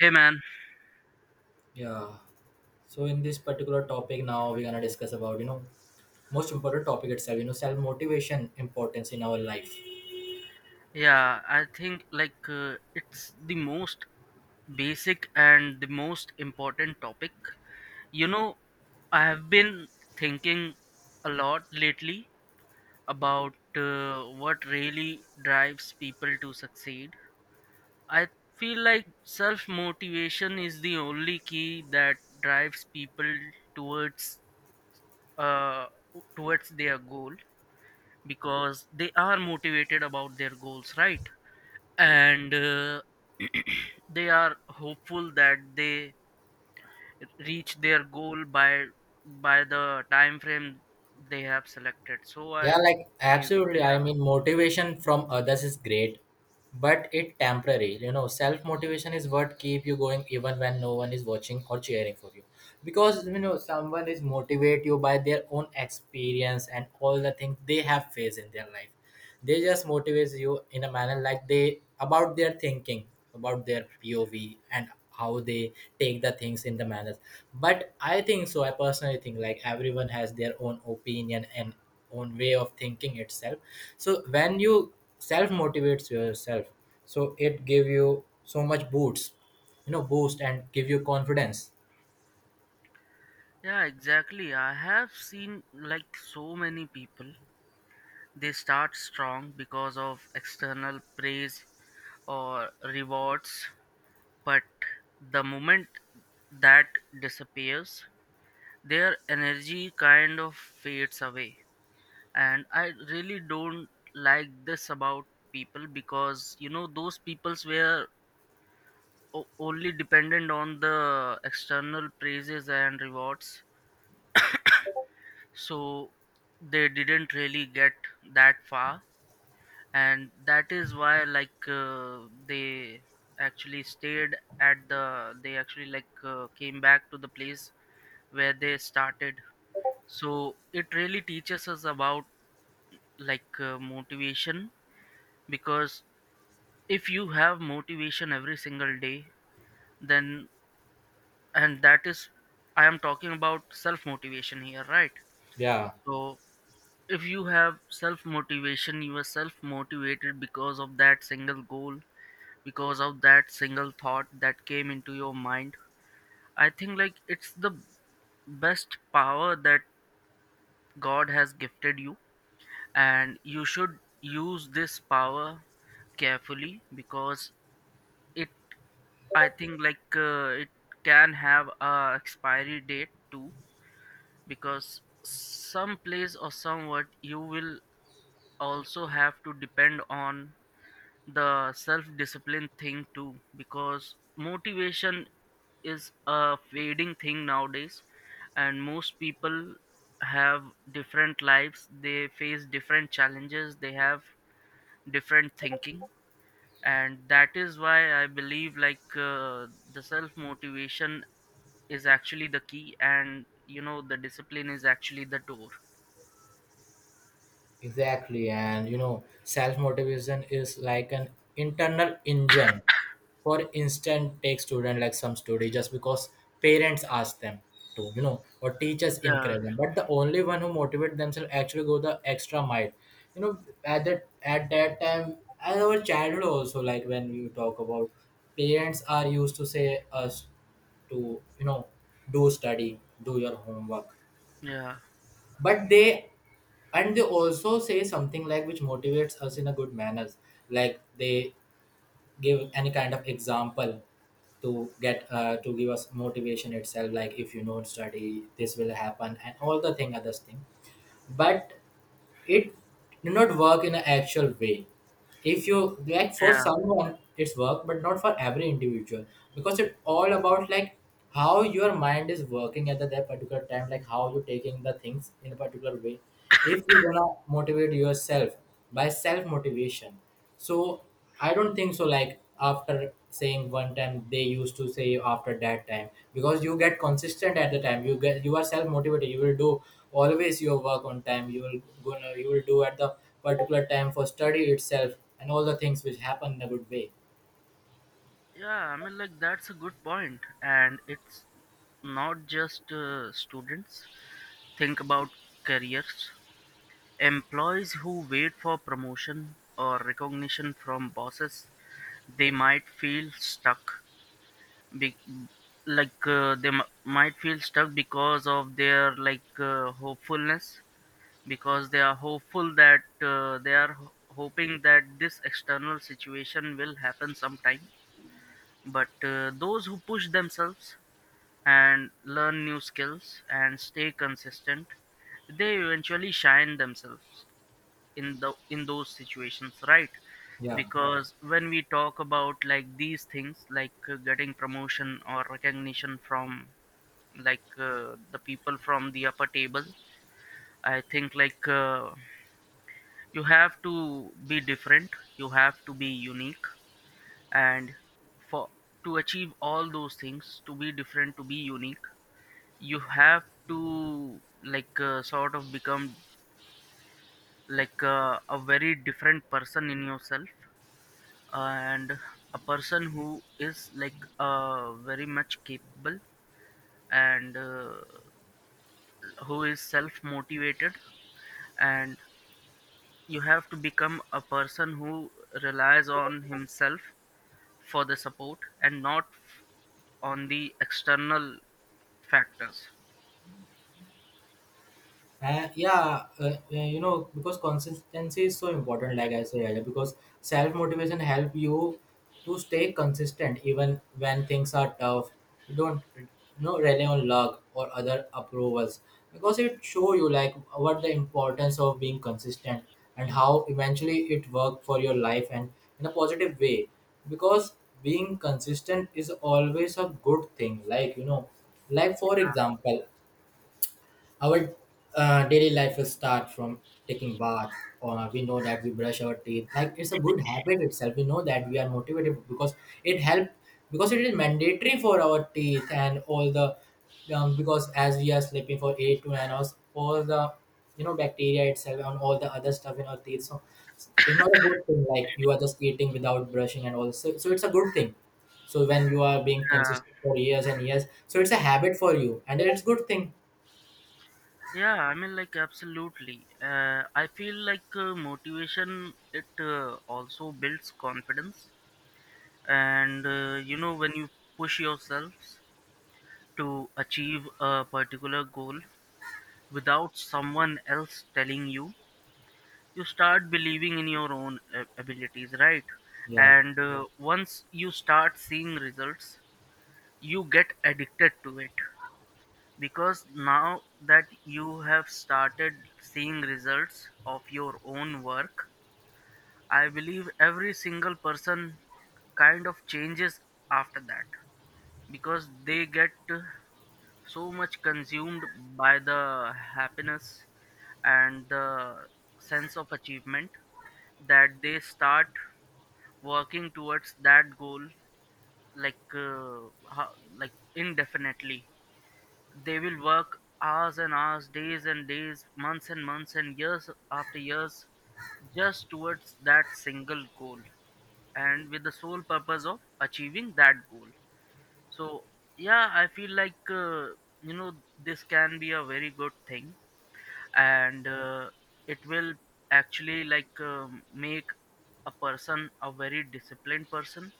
Hey man, Yeah. So in this particular topic now we're gonna discuss about most important topic itself. Self motivation importance in our life. yeah, I think like it's the most basic and the most important topic. You know, I have been thinking a lot lately about what really drives people to succeed. I feel like self motivation is the only key that drives people towards uh, towards their goal because they are motivated about their goals, right? And they are hopeful that they reach their goal by the time frame they have selected, so Yeah, I like believe. absolutely. I Yeah. mean motivation from others is great, but it temporary. Self motivation is what keep you going even when no one is watching or cheering for you. Because someone is motivate you by their own experience and all the things they have faced in their life. They just motivates you in a manner like they about their thinking about their pov and how they take the things in the manners. But I personally think like everyone has their own opinion and own way of thinking itself. So when you self motivates yourself, so it give you so much boosts, boost and give you confidence. Yeah, exactly, I have seen like so many people, they start strong because of external praise or rewards, but the moment that disappears, their energy kind of fades away. And I really don't like this about people because, you know, those peoples were only dependent on the external praises and rewards, so they didn't really get that far. And that is why like they actually stayed at the they actually like came back to the place where they started. So it really teaches us about like motivation. Because if you have motivation every single day, then and that is I am talking about self motivation here, right? Yeah. So if you have self motivation, you are self motivated because of that single goal, because of that single thought that came into your mind. I think like it's the best power that god has gifted you, and you should use this power carefully. Because it I think like it can have a expiry date too, because some place or somewhat you will also have to depend on the self discipline thing too, because motivation is a fading thing nowadays. And most people have different lives, they face different challenges, they have different thinking. And that is why I believe like the self motivation is actually the key, and you know the discipline is actually the door. Exactly, and self motivation is like an internal engine. For instance, take student like some study just because parents ask them to or teachers Yeah. encourage them. But the only one who motivate themselves actually go the extra mile. You know, at that time, at our childhood also, like when we talk about parents are used to say us to do study, do your homework, yeah but they also say something like which motivates us in a good manners, like they give any kind of example to get, to give us motivation itself, like if you don't study this will happen and all the thing others thing. But it did not work in an actual way. If you like for yeah someone it's work but not for every individual. Because it's all about like how your mind is working at that particular time, like how you're taking the things in a particular way. If you wanna motivate yourself by self motivation, so I don't think so. Like after saying one time, they used to say after that time because you get consistent at the time. You are self motivated. You will do always your work on time. You will do at the particular time for study itself, and all the things which happen in a good way. yeah I mean like that's a good point, and it's not just students. Think about careers, employees who wait for promotion or recognition from bosses, they might feel stuck. be- like they might feel stuck because of their like hopefulness, because they are hopeful that they are hoping that this external situation will happen sometime. But those who push themselves and learn new skills and stay consistent, they eventually shine themselves in the in those situations, right? Yeah. Because when we talk about like these things, like getting promotion or recognition from like the people from the upper table, I think like you have to be different, you have to be unique. And for to achieve all those things, to be different, to be unique, you have to like sort of become like a very different person in yourself, and a person who is like very much capable, and who is self motivated. And you have to become a person who relies on himself for the support and not on the external factors. Because consistency is so important, like I said earlier, because self motivation help you to stay consistent even when things are tough. You don't, you know, rely on luck or other approvals, because it show you like what the importance of being consistent and how eventually it work for your life and in a positive way. Because being consistent is always a good thing. Like like for example, our daily life will start from taking bath, or we know that we brush our teeth. Like it's a good habit itself. We know that we are motivated because it help, because it is mandatory for our teeth and all the, because as we are sleeping for 8 to 9 hours, all the bacteria itself and all the other stuff in our teeth. So it's not a good thing. Like you are just eating without brushing and all. So it's a good thing. So when you are being Yeah. consistent for years and years, so it's a habit for you and it's good thing. Yeah, I mean like absolutely, I feel like motivation, it also builds confidence. And you know, when you push yourselves to achieve a particular goal without someone else telling you, you start believing in your own abilities, right? Yeah. And once you start seeing results, you get addicted to it. Because now that you have started seeing results of your own work, I believe every single person kind of changes after that, because they get so much consumed by the happiness and the sense of achievement that they start working towards that goal like like indefinitely. They will work hours and hours, days and days, months and months, and years after years, just towards that single goal and with the sole purpose of achieving that goal. So, yeah, I feel like you know, this can be a very good thing, and it will actually like make a person a very disciplined person.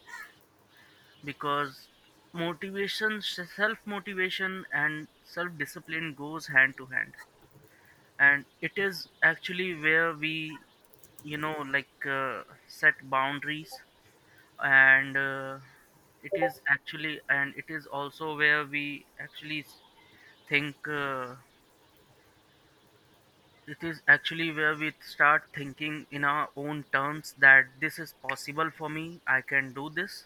Because motivation self motivation and self discipline goes hand to hand, and it is actually where we, you know, like set boundaries, and it is actually and it is also where we actually think it is actually where we start thinking in our own terms that this is possible for me, I can do this.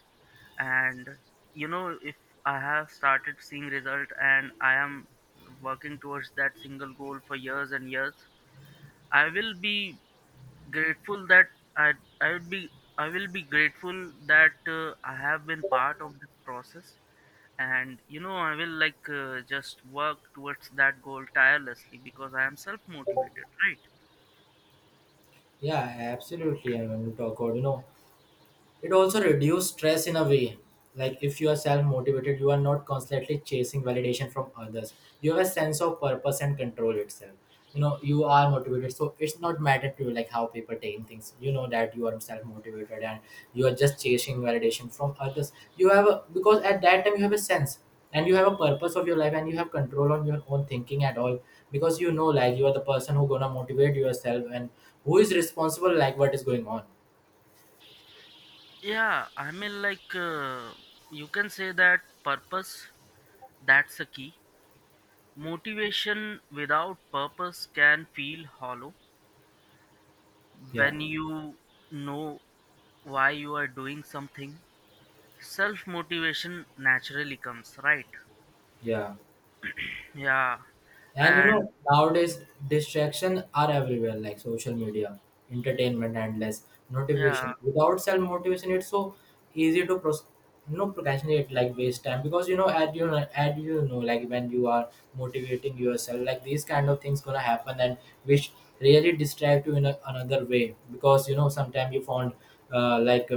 And, you know, if I have started seeing result and I am working towards that single goal for years and years, I will be grateful that I I would be I will be grateful that I have been part of this process. And you know, I will like just work towards that goal tirelessly because I am self motivated, right? Yeah, absolutely. I want to talk about it also reduces stress in a way. Like if you are self-motivated, you are not constantly chasing validation from others. You have a sense of purpose and control itself. You are motivated. So it's not matter to you like how people taking things. You know that you are self-motivated, and you are just chasing validation from others. Because at that time you have a sense and you have a purpose of your life and you have control on your own thinking at all, because like you are the person who gonna motivate yourself, and who is responsible like what is going on. Yeah, I mean, like, you can say that purpose, that's a key. Motivation without purpose can feel hollow Yeah, when you know why you are doing something. Self motivation naturally comes, right? yeah. Yeah, And you and know, nowadays distraction are everywhere, like social media, entertainment, endless yeah, notification. Without self motivation, it's so easy to procrastinate, like waste time. Because at at like when you are motivating yourself, like these kind of things gonna happen, and which really distract you in another way. Because sometimes you found, like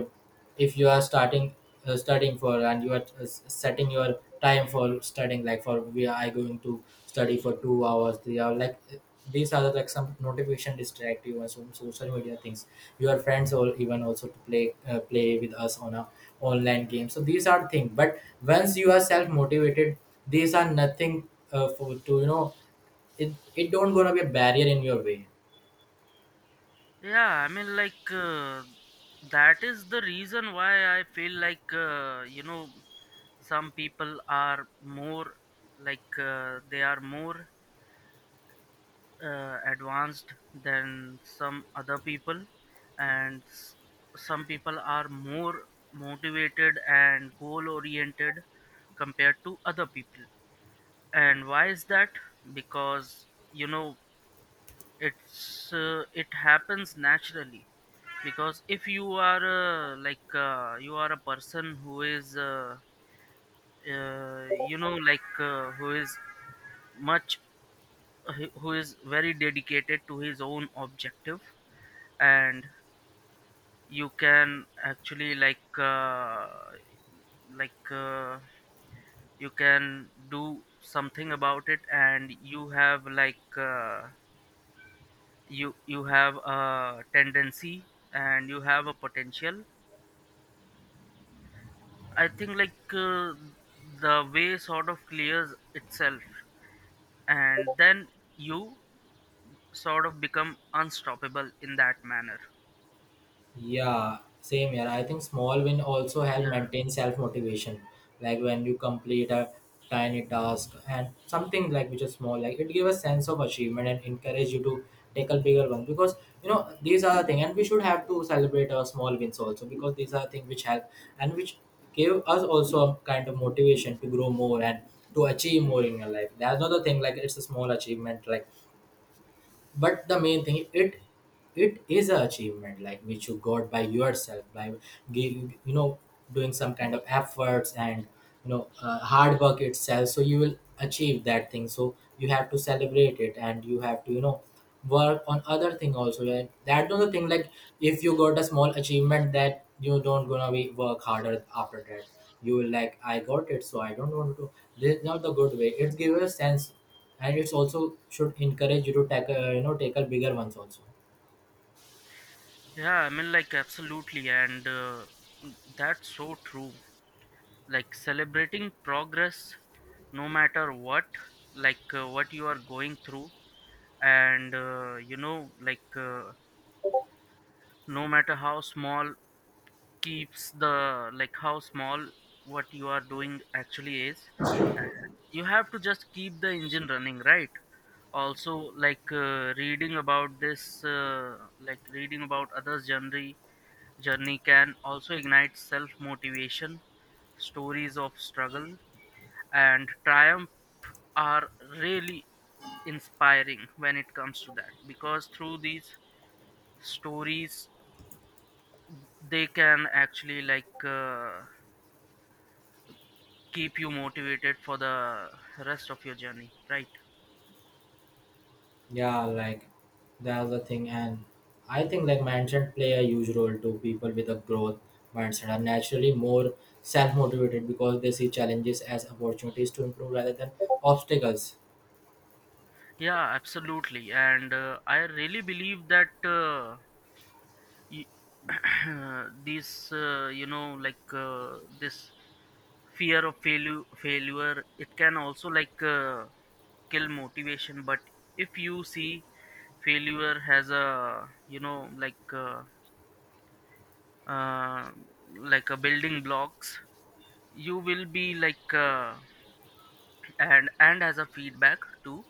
if you are starting, studying for, and you are setting your time for studying, like for we are going to study for 2 hours 3 hours, like these are like some notification distract you and some social media things, your friends or even also to play with us on a online game. So these are things, but once you are self motivated these are nothing, for to it, don't gonna be a barrier in your way. yeah. I mean, like, that is the reason why I feel like, you know, some people are more like they are more advanced than some other people. And some people are more motivated and goal oriented compared to other people. And why is that? Because, you know, it's it happens naturally. Because if you are you are a person who is you know, like who is much, who is very dedicated to his own objective, and you can actually like like uh, you can do something about it, and you have like you have a tendency and you have a potential. I think like the way sort of clears itself, and then you sort of become unstoppable in that manner. Yeah, same here. I think small win also help Yeah. maintain self motivation. Like when you complete a tiny task and something like which is small, like it gives a sense of achievement and encourage you to take a bigger one, because you know these are the thing and we should have to celebrate our small wins also, because these are things which help, and which give us also a kind of motivation to grow more and to achieve more in your life. That's not the thing like it's a small achievement, like but the main thing, it is an achievement, like which you got by yourself by giving, doing some kind of efforts, and hard work itself, so you will achieve that thing, so you have to celebrate it, and you have to, work on other thing also, like that was the thing, like if you got a small achievement that you don't gonna be work harder after that. You will like, I got it, so I don't want to. This is not the good way. It gives a sense, and it's also should encourage you to tackle, tackle bigger ones also. Yeah, I mean like absolutely, and that's so true. Like celebrating progress, no matter what, like what you are going through, and you know, like no matter how small keeps the like how small what you are doing actually is, you have to just keep the engine running, right? Also, like reading about this like reading about others journey journey can also ignite self motivation. Stories of struggle and triumph are really inspiring when it comes to that, because through these stories they can actually like keep you motivated for the rest of your journey, right? Yeah, like that's the thing. And I think like mindset play a huge role. To people with a growth mindset are naturally more self-motivated because they see challenges as opportunities to improve rather than obstacles. Yeah, absolutely. And I really believe that these you know, like this fear of failure failure, it can also like kill motivation. But if you see failure has a, you know, uh, like a building blocks, you will be like and as a feedback too,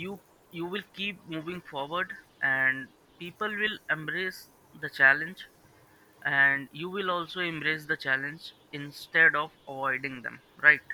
you will keep moving forward. And people will embrace the challenge, and you will also embrace the challenge instead of avoiding them, right?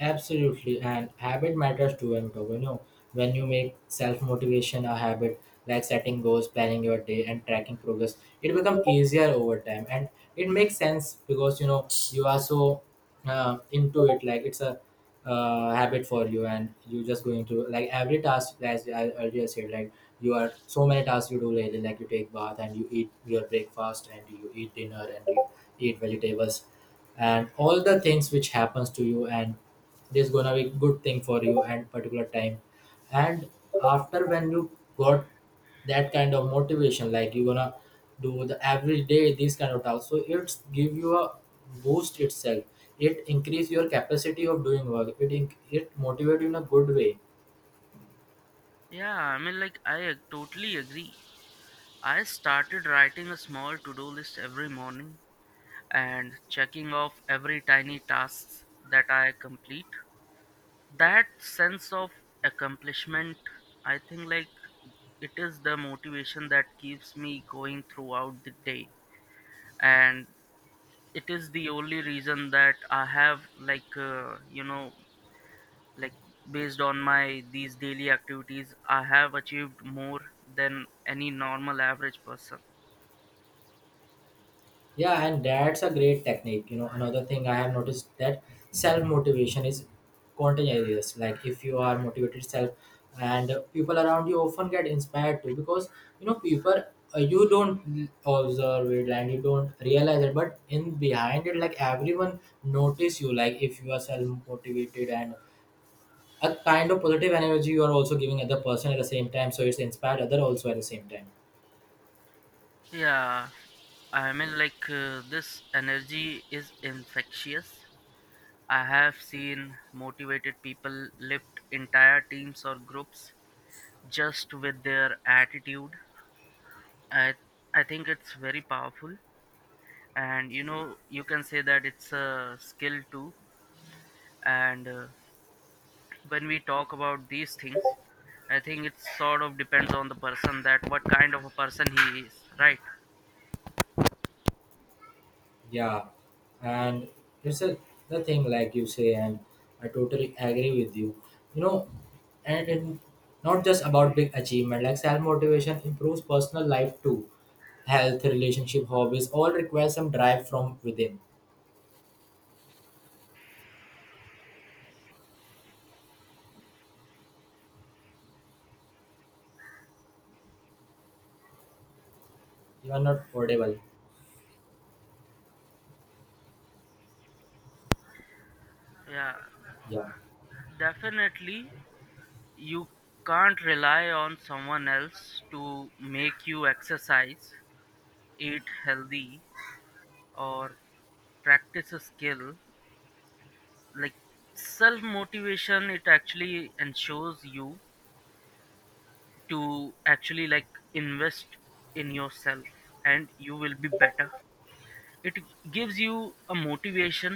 Absolutely, and habit matters to him, you know. When you make self motivation a habit, like setting goals, planning your day, and tracking progress, it becomes easier over time, and it makes sense because you know you are so, into it. Like it's a, habit for you, and you're just going to like every task. As I earlier said, like you are so many tasks you do lately. Like you take bath and you eat your breakfast, and you eat dinner, and you eat vegetables, and all the things which happens to you, and this gonna be good thing for you and particular time. And after when you got that kind of motivation, like you gonna do the every day these kind of tasks, so it's give you a boost itself. It increase your capacity of doing work, it it motivate you in a good way. Yeah, I mean, like, totally agree. I started writing a small to do list every morning and checking off every tiny tasks that I complete. That sense of accomplishment, I think, like, it is the motivation that keeps me going throughout the day. And it is the only reason that I have, like, you know, like based on my these daily activities, I have achieved more than any normal average person. Yeah, and that's a great technique. You know, another thing I have noticed, that self motivation is contagious. Like if you are motivated self, and people around you often get inspired too, because you know people, you don't observe it and you don't realize it, but in behind it, like everyone notice you. Like if you are self motivated, and a kind of positive energy you are also giving other person at the same time, so it's inspired other also at the same time. Yeah, I mean like this energy is infectious. I have seen motivated people lift entire teams or groups just with their attitude. I i think it's very powerful, and you know, you can say that it's a skill too. And when we talk about these things, I think it sort of depends on the person, that what kind of a person he is, right? Yeah, and it's a, the thing like you say, and I totally agree with you. You know, and in, not just about big achievement. Like self motivation improves personal life too. Health, relationship, hobbies all require some drive from within. You are not audible. Yeah, Yeah, definitely. You can't rely on someone else to make you exercise, eat healthy, or practice a skill. Like self motivation, it actually ensures you to actually like invest in yourself, and you will be better. It gives you a motivation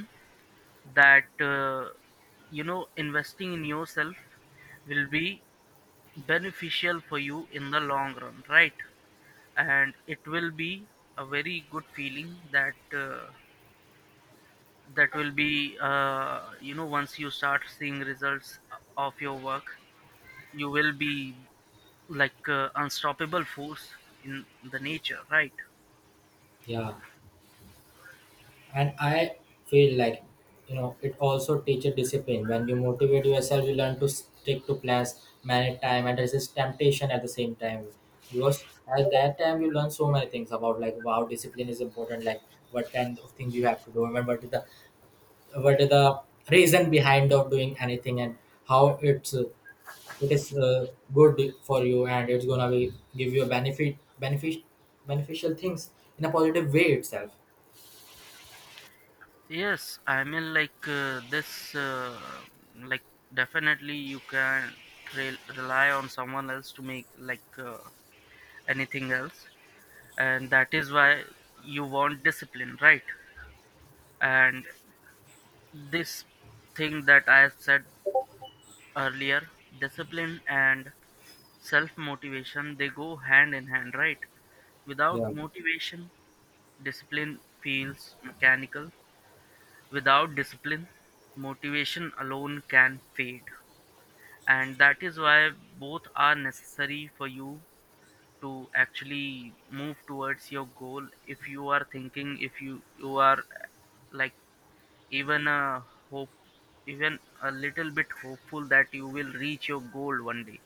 that you know, investing in yourself will be beneficial for you in the long run, right? And it will be a very good feeling that that will be you know, once you start seeing results of your work, you will be like unstoppable force in the nature, right? yeah. And I feel like, you know, it also teaches discipline. When you motivate yourself you learn to stick to plans, manage time, and resist temptation at the same time. Because at that time you learn so many things about, like, wow, discipline is important, like what kind of thing you have to do, and what is the, what is the reason behind of doing anything, and how it's, it is, good for you, and it's gonna be give you a benefit, beneficial things in a positive way itself. Yes, I mean like like definitely you can rely on someone else to make like anything else, and that is why you want discipline, right? And this thing that I have said earlier, discipline and self motivation, they go hand in hand, right? Without Yeah. motivation, discipline feels mechanical. Without discipline, motivation alone can fade, and that is why both are necessary for you to actually move towards your goal. If you are thinking, if you are like even a hope, even a little bit hopeful that you will reach your goal one day.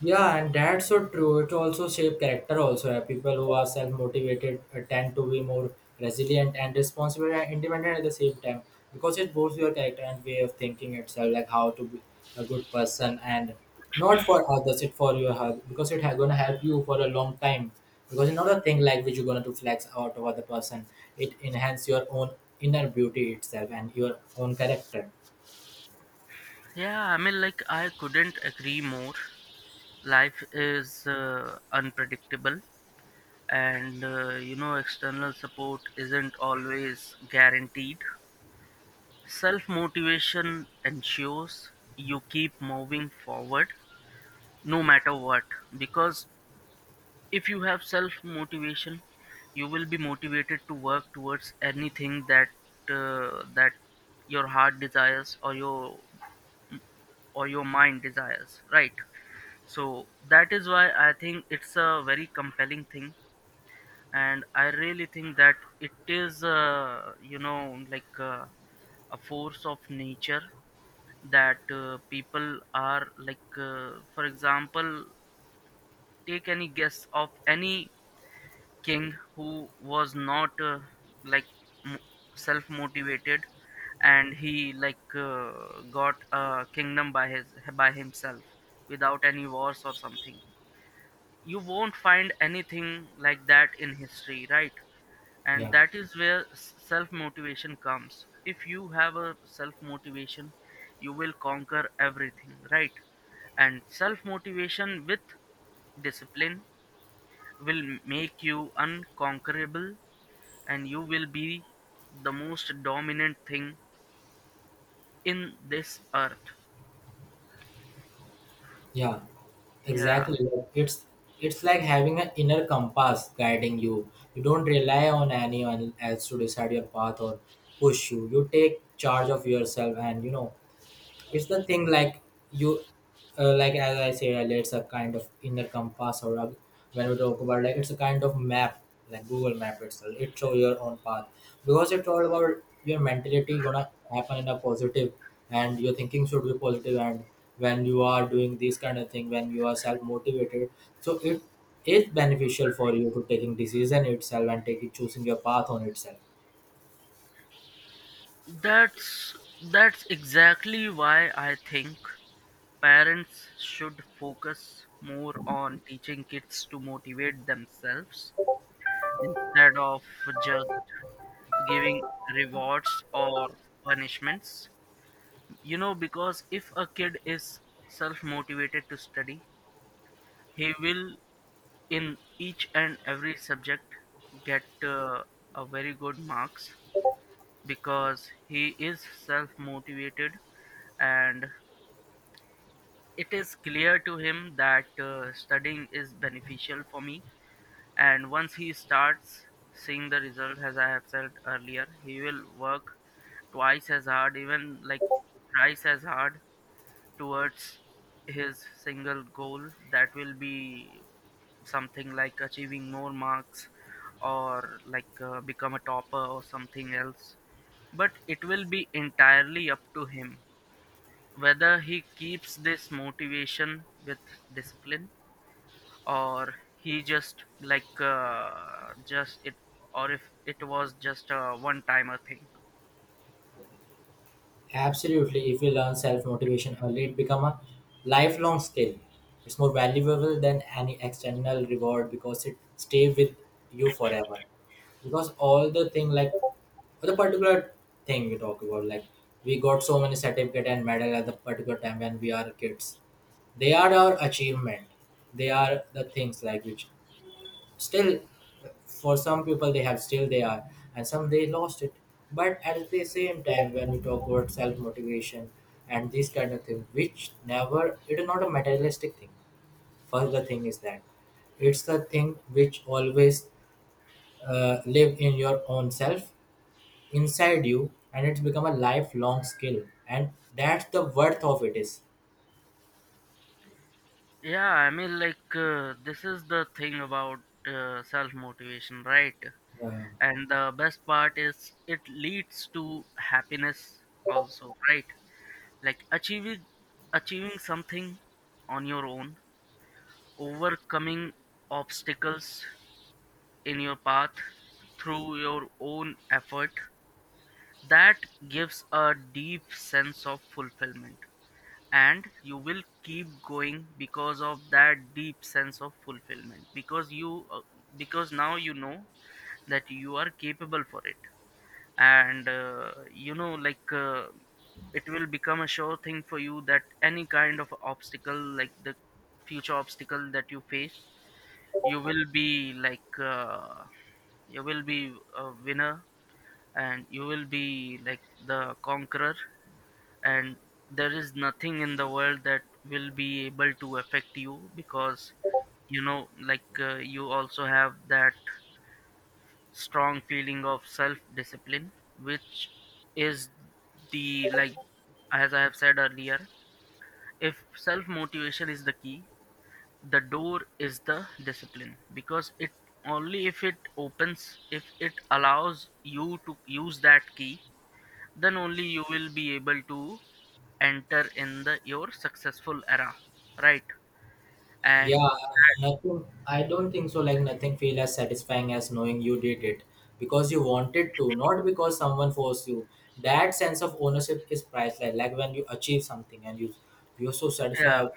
Yeah, and that's so true. It also shape character also. People who are self-motivated tend to be more resilient and responsible and independent at the same time, because it boosts your character and way of thinking itself, like how to be a good person, and not for others, it for your health, because it going to help you for a long time. Because it's not a thing like which you're going to flex out of other person. It enhance your own inner beauty itself and your own character. Yeah, I mean, like I couldn't agree more. Life is unpredictable, and you know, external support isn't always guaranteed. Self motivation ensures you keep moving forward no matter what, because if you have self motivation, you will be motivated to work towards anything that uh, that your heart desires, or your mind desires, right? So that is why I think it's a very compelling thing, and I really think that it is you know, like, a force of nature, that people are like, for example, take any guess of any king who was not like, m- self motivated, and he like got a kingdom by his by himself without any wars or something. You won't find anything like that in history, right? And Yeah, that is where self motivation comes. If you have a self motivation, you will conquer everything, right? And self motivation with discipline will make you unconquerable, and you will be the most dominant thing in this earth. yeah. Yeah, Exactly. Like, it's like having an inner compass guiding you. You don't rely on anyone else to decide your path or push you. You take charge of yourself, and you know it's the thing like you, like as I say earlier, it's a kind of inner compass, or a, when we talk about like, it's a kind of map, like google map itself, it show your own path, because it's all about your mentality gonna happen in a positive, and your thinking should be positive positive. And when you are doing this kind of thing, when you are self-motivated, so it is beneficial for you to taking decision itself and taking choosing your path on itself. that's that's exactly why I think parents should focus more on teaching kids to motivate themselves, instead of just giving rewards or punishments. You know, because if a kid is self motivated to study, he will in each and every subject get a very good marks, because he is self motivated, and it is clear to him that studying is beneficial for me. And once he starts seeing the result, as I have said earlier, he will work twice as hard, even like thrice as hard towards his single goal. That will be something like achieving more marks, or like become a topper or something else. But it will be entirely up to him whether he keeps this motivation with discipline, or he just like just it, or if it was just a one timer thing. Absolutely. If you learn self motivation early, it become a lifelong skill. It's more valuable than any external reward because it stay with you forever. Because all the thing like, for the particular thing we talk about, like we got so many certificate and medal at the particular time when we are kids. They are our achievement. They are the things like which, still, for some people they have still they are, and some they lost it. But at the same time, when we talk about self motivation and this kind of thing, which never it is not a materialistic thing. First, the thing is that it's the thing which always live in your own self inside you, and it's become a lifelong skill, and that's the worth of it is Yeah, I mean, like, this is the thing about self motivation, right? uh, And the best part is it leads to happiness also, right? Like achieving something on your own, overcoming obstacles in your path through your own effort, that gives a deep sense of fulfillment. And you will keep going because of that deep sense of fulfillment, because you because now you know that you are capable for it. And you know, like, it will become a sure thing for you that any kind of obstacle, like the future obstacle that you face, you will be like, you will be a winner, and you will be like the conqueror, and there is nothing in the world that will be able to affect you, because you know, like, you also have that strong feeling of self discipline, which is the, like, as I have said earlier, if self motivation is the key, the door is the discipline, because it only if it opens, if it allows you to use that key, then only you will be able to enter in the your successful era, right? And yeah, that, nothing. I don't think so. Like nothing feel as satisfying as knowing you did it because you wanted to, not because someone forced you. That sense of ownership is priceless. Like when you achieve something and you're so yeah. satisfied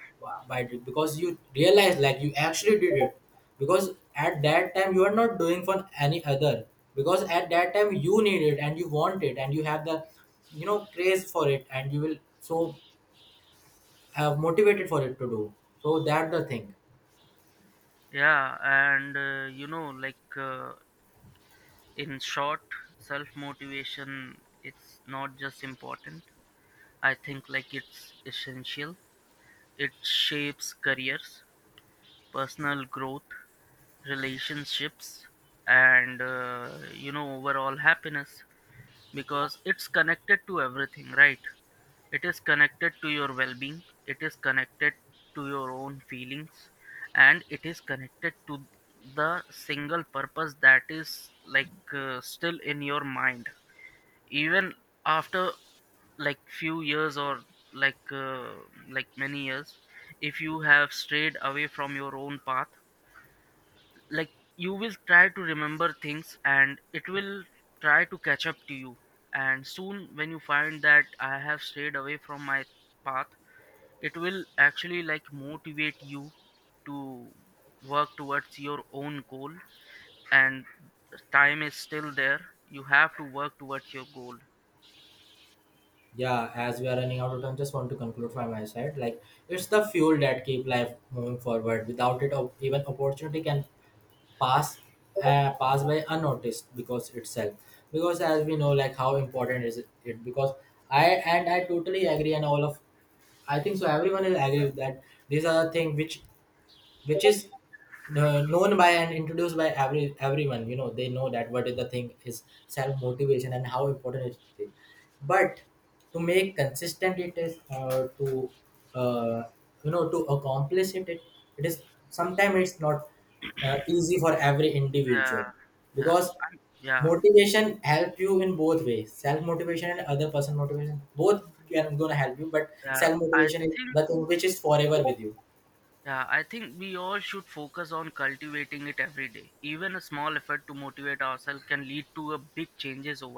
by it, because you realize like you actually did it. Because at that time you are not doing for any other. Because at that time you need it and you want it, and you have the you know craze for it, and you will so have motivated for it to do. So that the thing. Yeah, and you know, like, in short, self motivation, it's not just important, I think, like, it's essential. It shapes careers, personal growth, relationships, and you know, overall happiness, because it's connected to everything, right? It is connected to your well-being, it is connected to your own feelings, and it is connected to the single purpose, that is like still in your mind, even after like few years, or like uh, like many years. If you have strayed away from your own path, like, you will try to remember things, and it will try to catch up to you. And soon when you find that I have strayed away from my path, it will actually like motivate you to work towards your own goal, and time is still there, you have to work towards your goal. Yeah, as we are running out of time, just want to conclude from my side, like it's the fuel that keep life moving forward, without it op- even opportunity can pass pass by unnoticed because itself, because as we know like how important is it it- because I and I totally agree, and all of, I think so everyone will agree with that, these are the things which is, known by and introduced by every everyone, you know they know that what is the thing is self motivation and how important it is, but to make consistent it is to uh, you know to accomplish it it, it is sometimes it's not easy for every individual, Yeah. Yeah. because Yeah. motivation help you in both ways, self motivation and other person motivation both can gonna help you, but Yeah, self I motivation is think, the thing which is forever with you. yeah, I think we all should focus on cultivating it every day, even a small effort to motivate ourselves can lead to a big changes over